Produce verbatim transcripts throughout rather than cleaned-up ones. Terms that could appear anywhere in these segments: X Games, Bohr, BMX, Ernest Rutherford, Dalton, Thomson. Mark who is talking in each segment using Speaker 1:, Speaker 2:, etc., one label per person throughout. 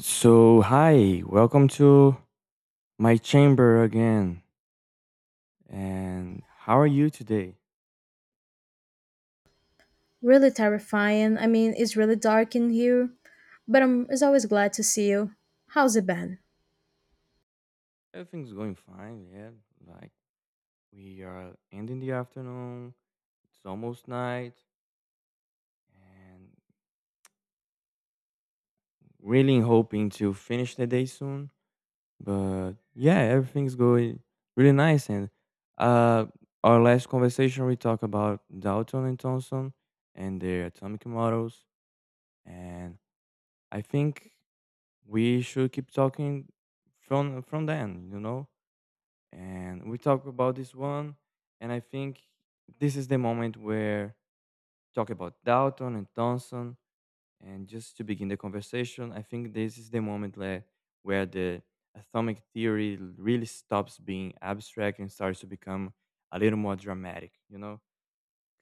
Speaker 1: So, hi, welcome to my chamber again. And how are you today?
Speaker 2: Really terrifying. I mean, it's really dark in here, but I'm it's always glad to see you. How's it been?
Speaker 1: Everything's going fine, yeah. Like, we are ending the afternoon, it's almost night, and really hoping to finish the day soon. But yeah, everything's going really nice. And uh, our last conversation, we talked about Dalton and Thomson and their atomic models. And I think we should keep talking from from then you know and we talk about this one, and I think this is the moment where talk about Dalton and Thompson. And just to begin the conversation, I think this is the moment le- where the atomic theory really stops being abstract and starts to become a little more dramatic you know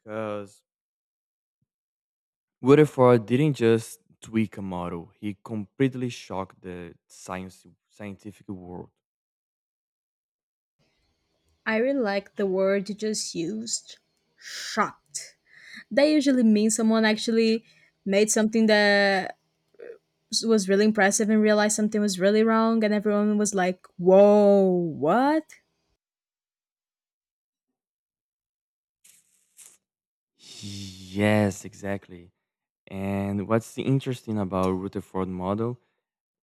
Speaker 1: because Rutherford didn't just tweak a model; he completely shocked the science scientific world.
Speaker 2: I really like the word you just used. Shocked. That usually means someone actually made something that was really impressive and realized something was really wrong, and everyone was like, whoa, what?
Speaker 1: Yes, exactly. And what's the interesting about Rutherford model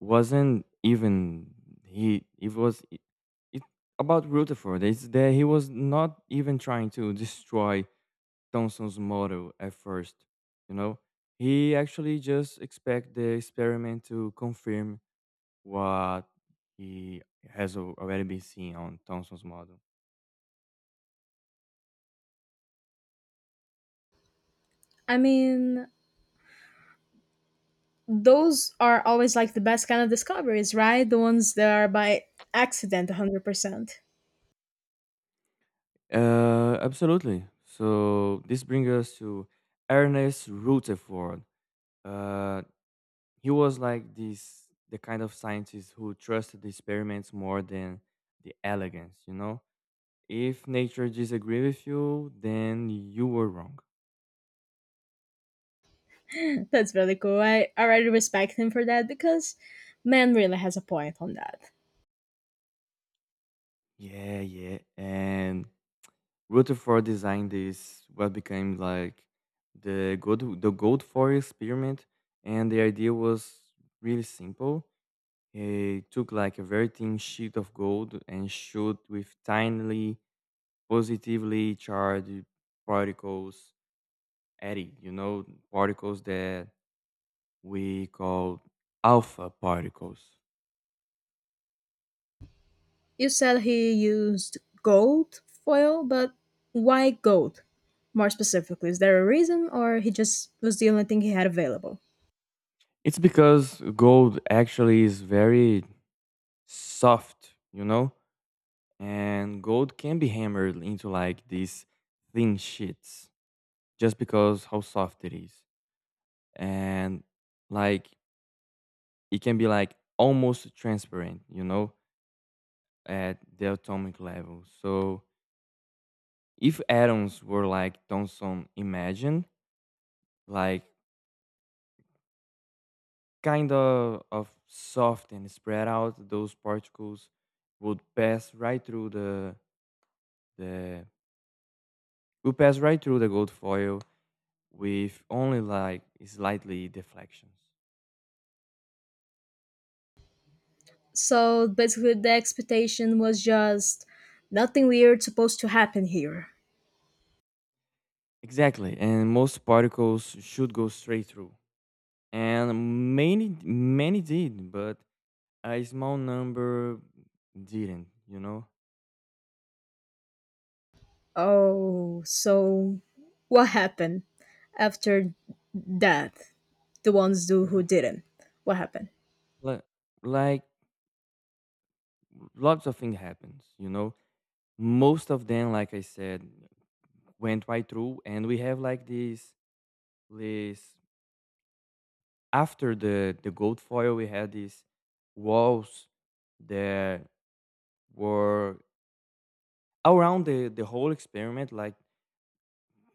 Speaker 1: wasn't even he it was it, it about Rutherford is that he was not even trying to destroy Thomson's model at first, you know. He actually just expect the experiment to confirm what he has al- already been seen on Thomson's model.
Speaker 2: I mean, those are always like the best kind of discoveries, right? The ones that are by accident one hundred percent.
Speaker 1: Uh, absolutely. So this brings us to Ernest Rutherford. Uh, he was like this the kind of scientist who trusted the experiments more than the elegance, you know? If nature disagreed with you, then you were wrong.
Speaker 2: That's really cool. I, I really respect him for that because man really has a point on that.
Speaker 1: Yeah, yeah. And Rutherford designed this what became like the gold the gold foil experiment, and the idea was really simple. He took like a very thin sheet of gold and shoot with tiny positively charged particles Eddie, you know, particles that we call alpha particles.
Speaker 2: You said he used gold foil, but why gold? More specifically, is there a reason or he just was the only thing he had available?
Speaker 1: It's because gold actually is very soft, you know, and gold can be hammered into like these thin sheets just because how soft it is. And like it can be like almost transparent, you know, at the atomic level. So if atoms were like Thomson imagined, like kind of, of soft and spread out, those particles would pass right through the the would pass right through the gold foil with only like slightly deflections.
Speaker 2: So basically the expectation was just nothing weird supposed to happen here.
Speaker 1: Exactly, and most particles should go straight through, and many many did, but a small number didn't. You know,
Speaker 2: Oh, so what happened after that? The ones do who didn't. What happened?
Speaker 1: like like lots of things happens. You know, most of them, like I said, went right through, and we have like this this after the the gold foil we had these walls that were around the the whole experiment. Like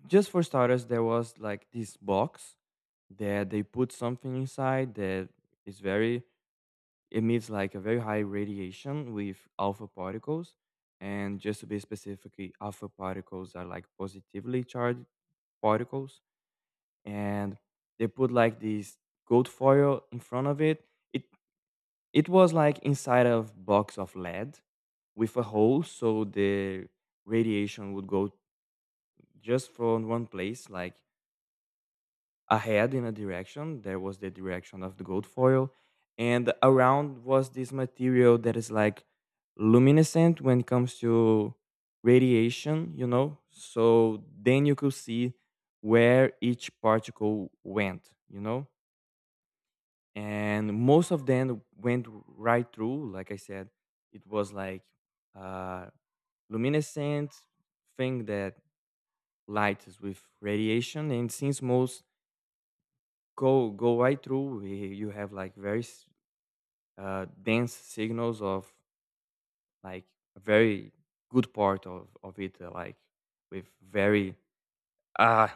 Speaker 1: just for starters, there was like this box that they put something inside that is very emits like a very high radiation with alpha particles. And just to be specifically, alpha particles are like positively charged particles, and they put like this gold foil in front of it. It it was like inside of box of lead with a hole, so the radiation would go just from one place, like ahead in a direction. There was the direction of the gold foil, and around was this material that is like luminescent when it comes to radiation, you know. So then you could see where each particle went, you know, and most of them went right through like I said. It was like uh luminescent thing that light is with radiation, and since most go go right through eh, you have like very s- uh, dense signals of like a very good part of of it uh, like with very uh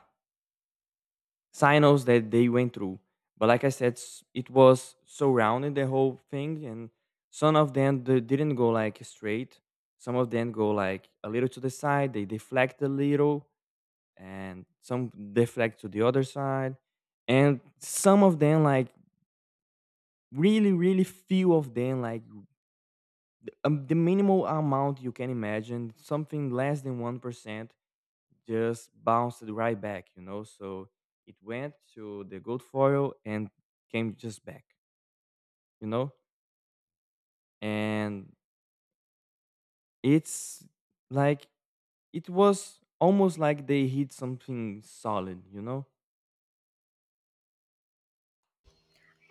Speaker 1: signals that they went through. But like I said, s- it was surrounding the whole thing, and some of them they didn't go like straight. Some of them go like a little to the side. They deflect a little, and some deflect to the other side, and some of them like really, really few of them like th- um, the minimal amount you can imagine, something less than one percent just bounced right back, you know. So it went to the gold foil and came just back, you know. And it's like it was almost like they hit something solid, you know.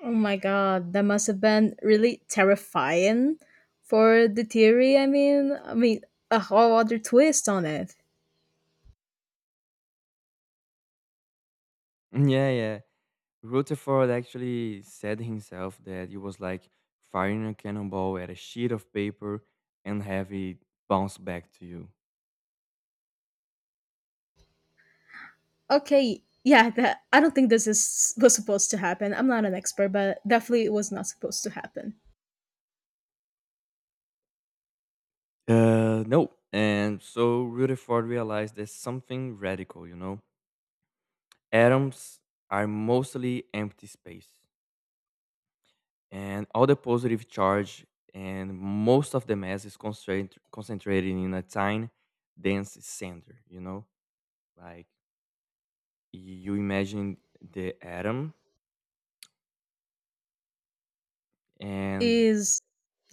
Speaker 2: Oh my god, that must have been really terrifying for the theory. I mean, I mean, a whole other twist on it.
Speaker 1: Yeah, yeah. Rutherford actually said himself that it was like firing a cannonball at a sheet of paper and have it bounce back to you.
Speaker 2: Okay, yeah, that I don't think this is was supposed to happen. I'm not an expert, but definitely it was not supposed to happen.
Speaker 1: Uh, no. And so Rutherford realized there's something radical, you know. Atoms are mostly empty space, and all the positive charge and most of the mass is concentrated concentrated in a tiny, dense center. You know, like you imagine the atom, and
Speaker 2: Is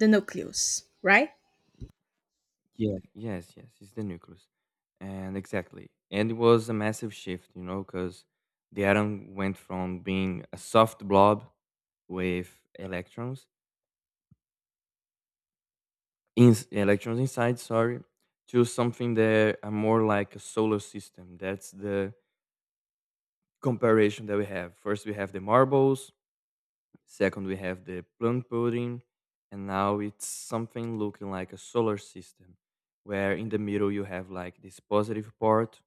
Speaker 2: the nucleus, right?
Speaker 1: yeah, yes, yes, it's the nucleus, and exactly, and it was a massive shift. You know, because the atom went from being a soft blob with electrons in electrons inside, sorry, to something that are more like a solar system. That's the comparison that we have. First we have the marbles, second we have the plant pudding, and now it's something looking like a solar system, where in the middle you have like this positive part,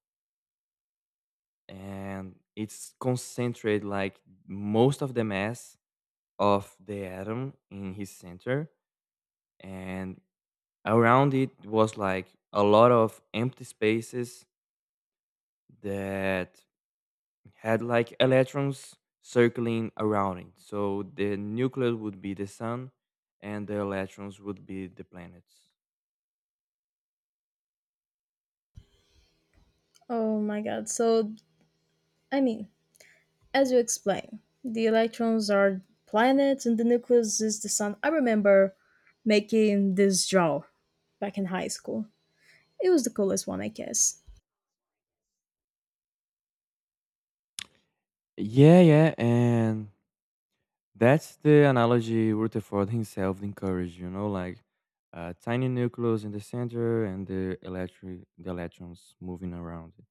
Speaker 1: and it's concentrated like most of the mass of the atom in his center, and around it was like a lot of empty spaces that had like electrons circling around it. So the nucleus would be the sun and the electrons would be the planets.
Speaker 2: Oh my god. So, I mean, as you explain, the electrons are planets and the nucleus is the sun. I remember making this draw back in high school. It was the coolest one, I guess.
Speaker 1: Yeah, yeah, and that's the analogy Rutherford himself encouraged, you know, like a tiny nucleus in the center and the electric the electrons moving around it.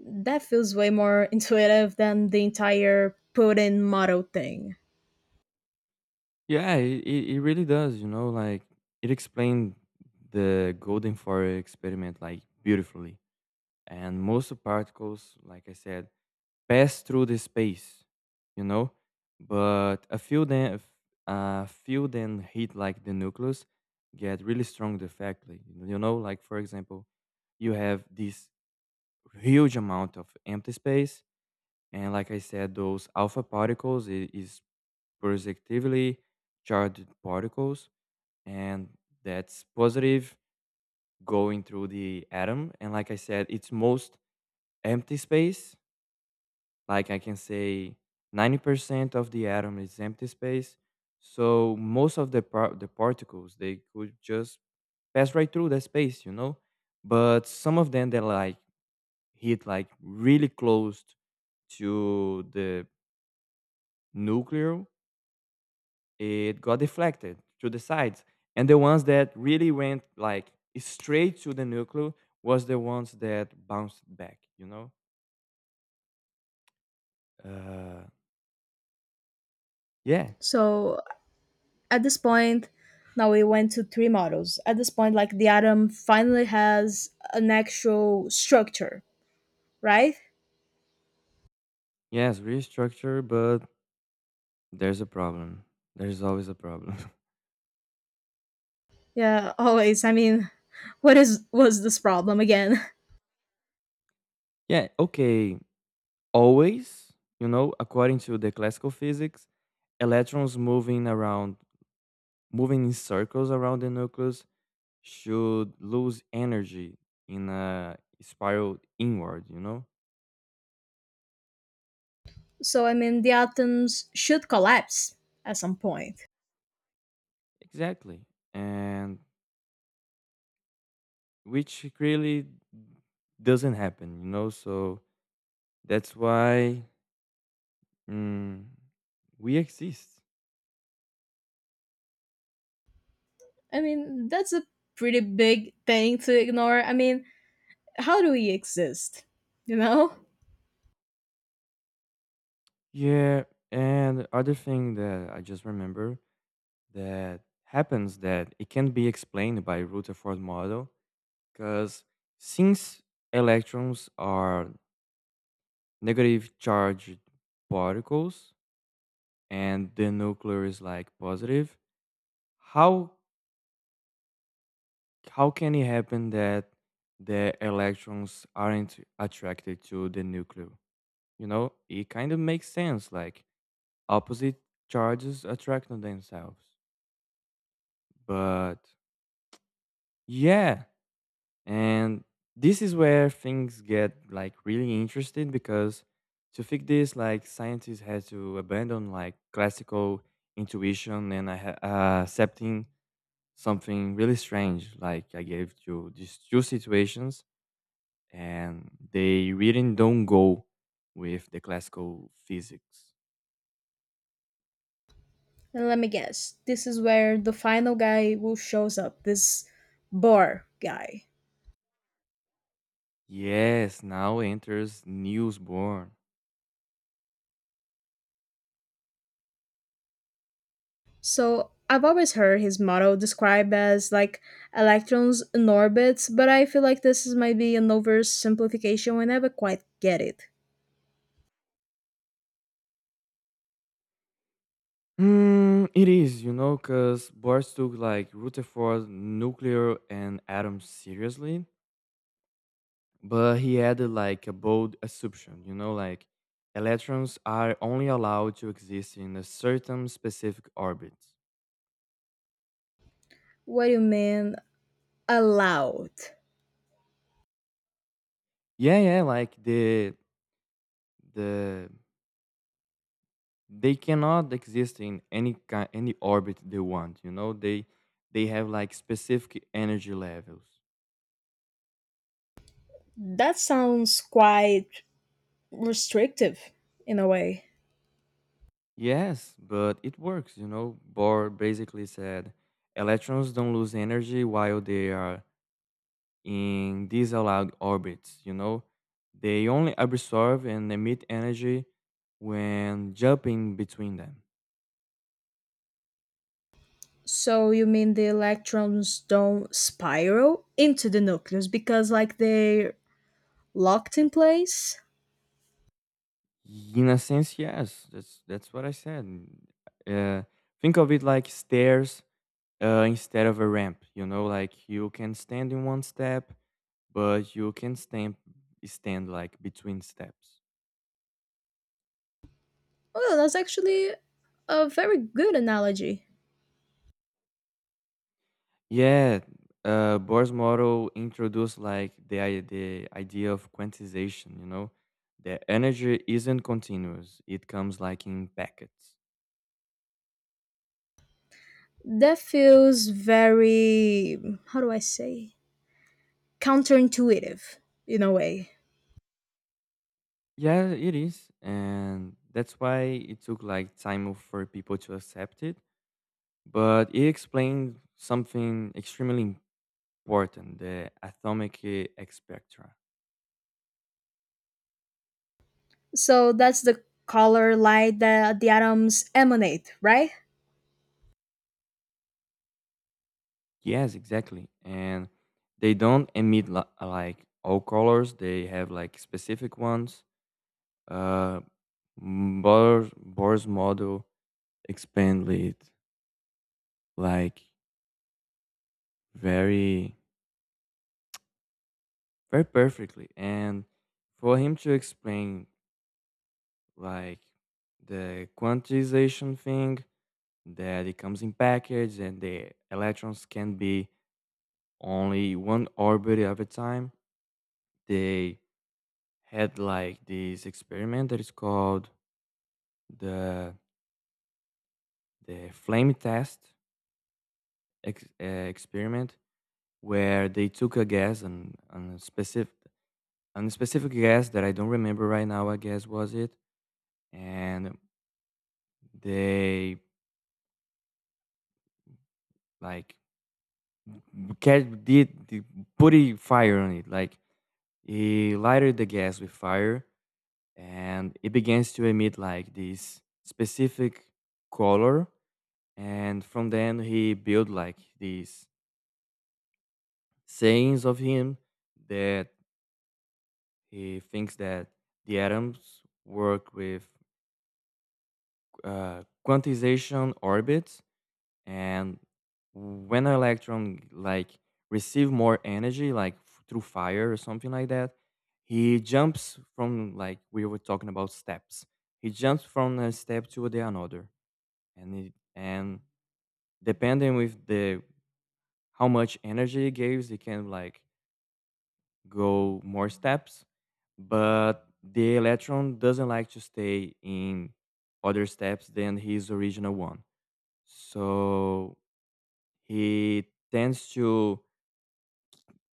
Speaker 2: That feels way more intuitive than the entire put in model thing.
Speaker 1: Yeah, it, it it really does, you know, like it explained the golden fire experiment like beautifully, and most of particles, like I said, pass through the space, you know. But a few then a few then hit like the nucleus get really strong directly. You know, like for example, you have this huge amount of empty space, and like I said, those alpha particles i- is positively charged particles, and that's positive going through the atom. And like I said, it's most empty space. Like I can say ninety percent of the atom is empty space. So most of the par- the particles they could just pass right through that space, you know? But some of them they like hit like really close to the nuclear, it got deflected to the sides. And the ones that really went like straight to the nuclear was the ones that bounced back, you know? Uh, yeah,
Speaker 2: So at this point, now we went to three models. At this point, like the atom finally has an actual structure, right?
Speaker 1: yes, restructure, but there's a problem. There's always a problem.
Speaker 2: Yeah, always. I mean, what is was this problem again?
Speaker 1: Yeah, okay. Always, you know, according to the classical physics, electrons moving around, moving in circles around the nucleus should lose energy in a spiral inward, you know?
Speaker 2: So I mean, the atoms should collapse at some point.
Speaker 1: Exactly. And which really doesn't happen, you know? So that's why mm, we exist.
Speaker 2: I mean, that's a pretty big thing to ignore. I mean, how do we exist? You know?
Speaker 1: Yeah, and other thing that I just remember that happens that it can be explained by Rutherford model, because since electrons are negative charged particles and the nuclear is like positive, how how can it happen that the electrons aren't attracted to the nuclear? You know, it kind of makes sense. Like opposite charges attract on themselves, but yeah. And this is where things get like really interesting because to fix this, like scientists had to abandon like classical intuition and I ha- uh, accepting something really strange. Like I gave you these two situations, and they really don't go with the classical physics.
Speaker 2: And let me guess. This is where the final guy will shows up. This bar guy.
Speaker 1: Yes, now enters newsborn.
Speaker 2: So I've always heard his model described as like electrons in orbits, but I feel like this is might be an oversimplification. We never quite get it.
Speaker 1: Mm, it is, you know, because Boris took like Rutherford, nuclear, and atoms seriously, but he added like a bold assumption, you know, like electrons are only allowed to exist in a certain specific orbit.
Speaker 2: What do you mean allowed?
Speaker 1: Yeah, yeah, like the the they cannot exist in any kind any orbit they want, you know. They they have like specific energy levels.
Speaker 2: That sounds quite restrictive in a way.
Speaker 1: Yes, but it works, you know. Bohr basically said electrons don't lose energy while they are in disallowed orbits, you know. They only absorb and emit energy when jumping between them.
Speaker 2: So you mean the electrons don't spiral into the nucleus because like they're locked in place?
Speaker 1: In a sense, yes, that's that's what I said. Uh, think of it like stairs uh, instead of a ramp, you know, like you can stand in one step, but you can stand stand like between steps.
Speaker 2: Oh, that's actually a very good analogy.
Speaker 1: Yeah, uh, Bohr's model introduced like the i- the idea of quantization. You know, that energy isn't continuous; it comes like in packets.
Speaker 2: That feels very, how do I say, counterintuitive in a way.
Speaker 1: Yeah, it is, and that's why it took like time for people to accept it. But it explained something extremely important: the atomic eh, spectra.
Speaker 2: So that's the color light that the atoms emanate, right?
Speaker 1: Yes, exactly, and they don't emit li- like all colors; they have like specific ones. Uh, Mm, Bohr, Bohr's model explained it like very very perfectly, and for him to explain like the quantization thing that it comes in package and the electrons can be only one orbit at a time, they had like this experiment that is called the the flame test ex- uh, experiment, where they took a gas and, and a specific— and a specific guest that I don't remember right now, I guess was it, and they like get did the put a fire on it. Like he lighted the gas with fire, and it begins to emit like this specific color. And from then he built like these sayings of him that he thinks that the atoms work with uh, quantization orbits, and when an electron like receive more energy like f- through fire or something like that, he jumps from, like we were talking about steps, he jumps from a step to the another. And it, and depending with the how much energy he gives, he can like go more steps. But the electron doesn't like to stay in other steps than his original one, so he tends to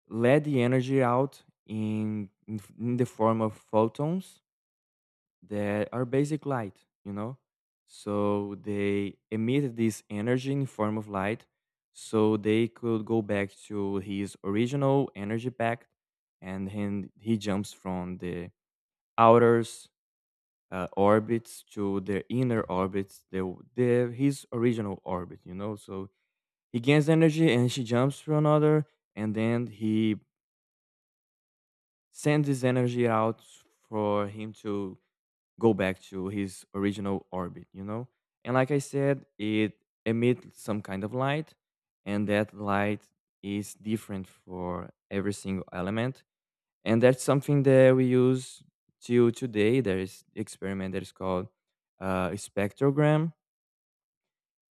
Speaker 1: let the energy out in in, f- in the form of photons that are basic light, you know, so they emit this energy in form of light so they could go back to his original energy pack. And then he jumps from the outer uh, orbits to the inner orbits, the, w- the his original orbit, you know. So he gains energy and she jumps to another, and then he send this energy out for him to go back to his original orbit, you know? And like I said, it emits some kind of light, and that light is different for every single element. And that's something that we use till today. There is experiment that is called uh, a spectrogram.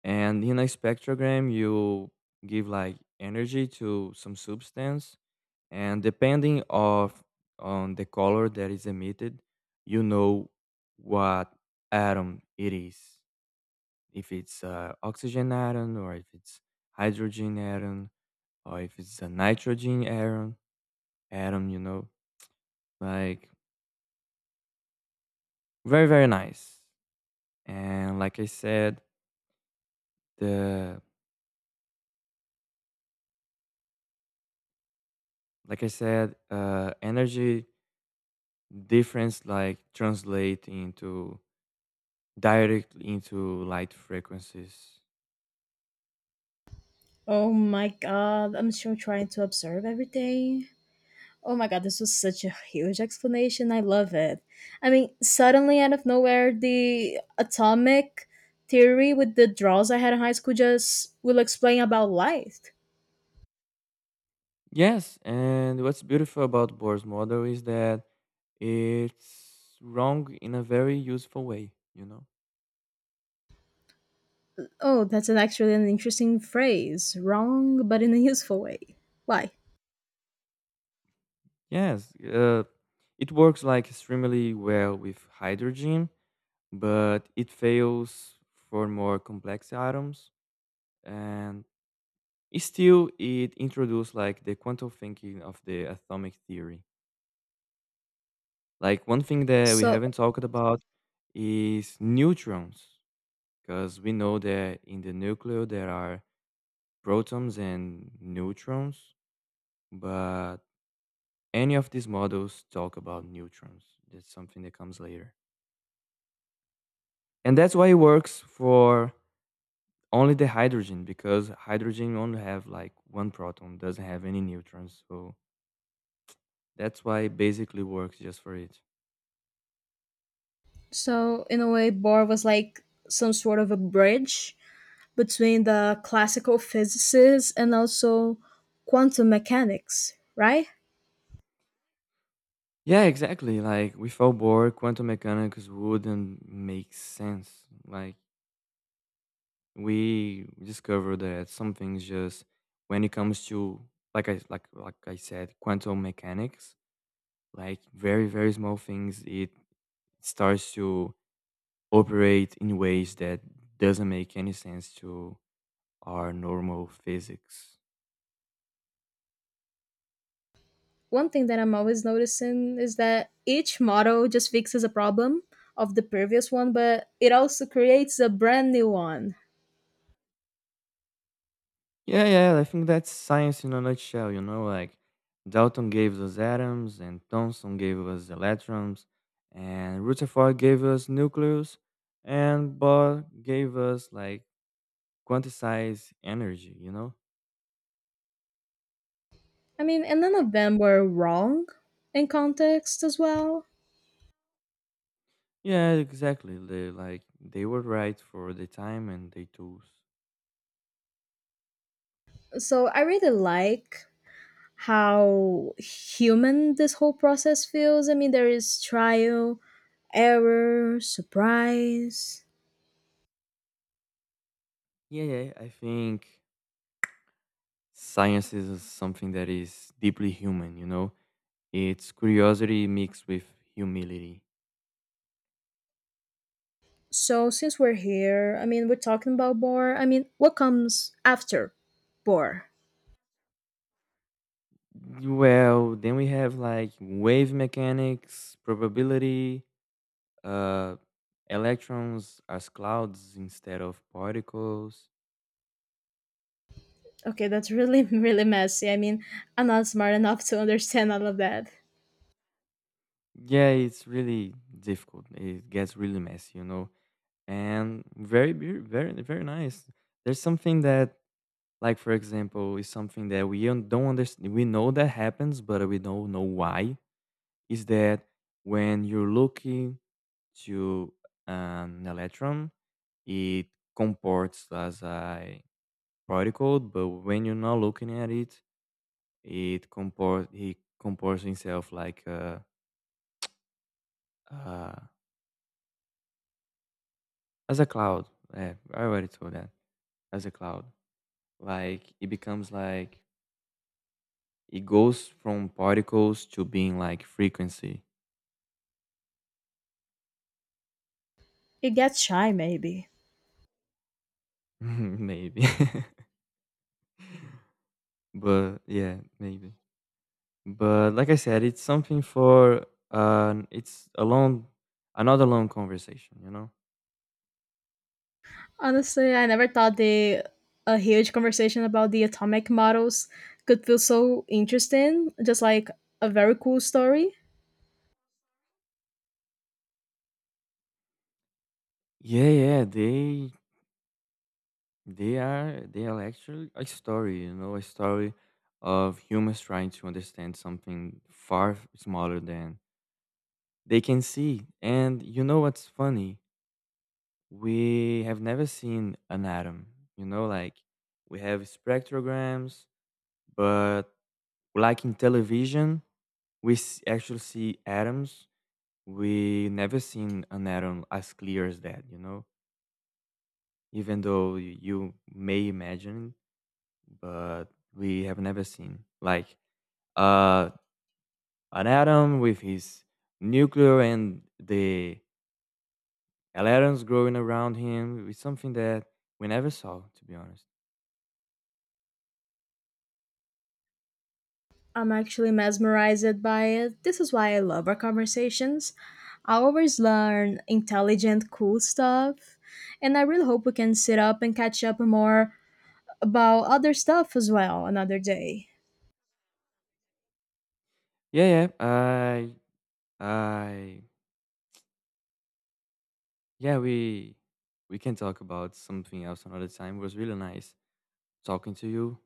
Speaker 1: And in a spectrogram, you give like energy to some substance, and depending of on the color that is emitted, you know what atom it is, if it's uh, oxygen atom, or if it's hydrogen atom, or if it's a nitrogen atom atom, you know, like very very nice. And like I said, the, like i said uh, energy difference like translate into directly into light frequencies.
Speaker 2: Oh my god, I'm still trying to observe everything. Oh my god, this was such a huge explanation. I love it. I mean, suddenly out of nowhere, the atomic theory with the draws I had in high school just will explain about light.
Speaker 1: Yes, and what's beautiful about Bohr's model is that it's wrong in a very useful way, you know?
Speaker 2: Oh, that's an actually an interesting phrase. Wrong, but in a useful way. Why?
Speaker 1: Yes, uh, it works like extremely well with hydrogen, but it fails for more complex atoms. And it still, it introduced like the quantum thinking of the atomic theory. Like one thing that we
Speaker 2: So,
Speaker 1: haven't talked about is neutrons, because we know that in the nucleus there are protons and neutrons, but any of these models talk about neutrons. That's something that comes later. And that's why it works for only the hydrogen, because hydrogen only have like one proton, doesn't have any neutrons. So that's why it basically works just for it.
Speaker 2: so in a way, Bohr was like some sort of a bridge between the classical physicists and also quantum mechanics, right?
Speaker 1: Yeah, exactly. Like without Bohr, quantum mechanics wouldn't make sense. Like we discovered that some things just when it comes to, like I like like I said, quantum mechanics, like very very small things, it starts to operate in ways that doesn't make any sense to our normal physics.
Speaker 2: One thing that I'm always noticing is that each model just fixes a problem of the previous one, but it also creates a brand new one.
Speaker 1: Yeah, yeah, I think that's science in a nutshell. You know, like Dalton gave us atoms, and Thomson gave us electrons, and Rutherford gave us nucleus, and Bohr gave us like quantize energy, you know?
Speaker 2: I mean, and none of them were wrong in context as well.
Speaker 1: Yeah, exactly. They, like they were right for the time and the tools.
Speaker 2: So I really like how human this whole process feels. I mean, there is trial, error, surprise.
Speaker 1: Yeah, yeah. I think science is uh, something that is deeply human, you know? It's curiosity mixed with humility.
Speaker 2: So, since we're here, I mean, we're talking about Bor. I mean, what comes after Bor?
Speaker 1: Well, then we have like wave mechanics, probability, uh electrons as clouds instead of particles.
Speaker 2: Okay, that's really, really messy. I mean, I'm not smart enough to understand all of that.
Speaker 1: Yeah, it's really difficult. It gets really messy, you know, and very beau- very very nice. There's something that, like for example, is something that we un- don't understand. We know that happens, but we don't know why, is that when you're looking to an electron, it comports as a particle, but when you're not looking at it, it comport he comports himself like uh, uh, as a cloud. Yeah, I already told that. As a cloud, like it becomes like it goes from particles to being like frequency.
Speaker 2: It gets shy, maybe.
Speaker 1: Maybe. But yeah, maybe. But like I said, it's something for uh it's a long, another long conversation, you know?
Speaker 2: Honestly, I never thought the a huge conversation about the atomic models could feel so interesting, just like a very cool story.
Speaker 1: Yeah, yeah, they they are they are actually a story, you know, a story of humans trying to understand something far f- smaller than they can see. And you know what's funny? We have never seen an atom, you know. Like we have spectrograms, but like in television we s- actually see atoms. We never seen an atom as clear as that, you know. Even though y- you may imagine, but we have never seen like uh an atom with his nuclear and the atoms growing around him. It's something that we never saw, to be honest.
Speaker 2: I'm actually mesmerized by it. This is why I love our conversations. I always learn intelligent, cool stuff. And I really hope we can sit up and catch up more about other stuff as well another day.
Speaker 1: Yeah, yeah. I. I Yeah, we we can talk about something else another time. It was really nice talking to you.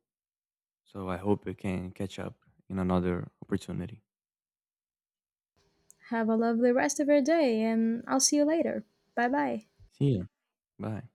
Speaker 1: So I hope we can catch up in another opportunity.
Speaker 2: Have a lovely rest of your day, and I'll see you later. Bye bye.
Speaker 1: See ya. Bye.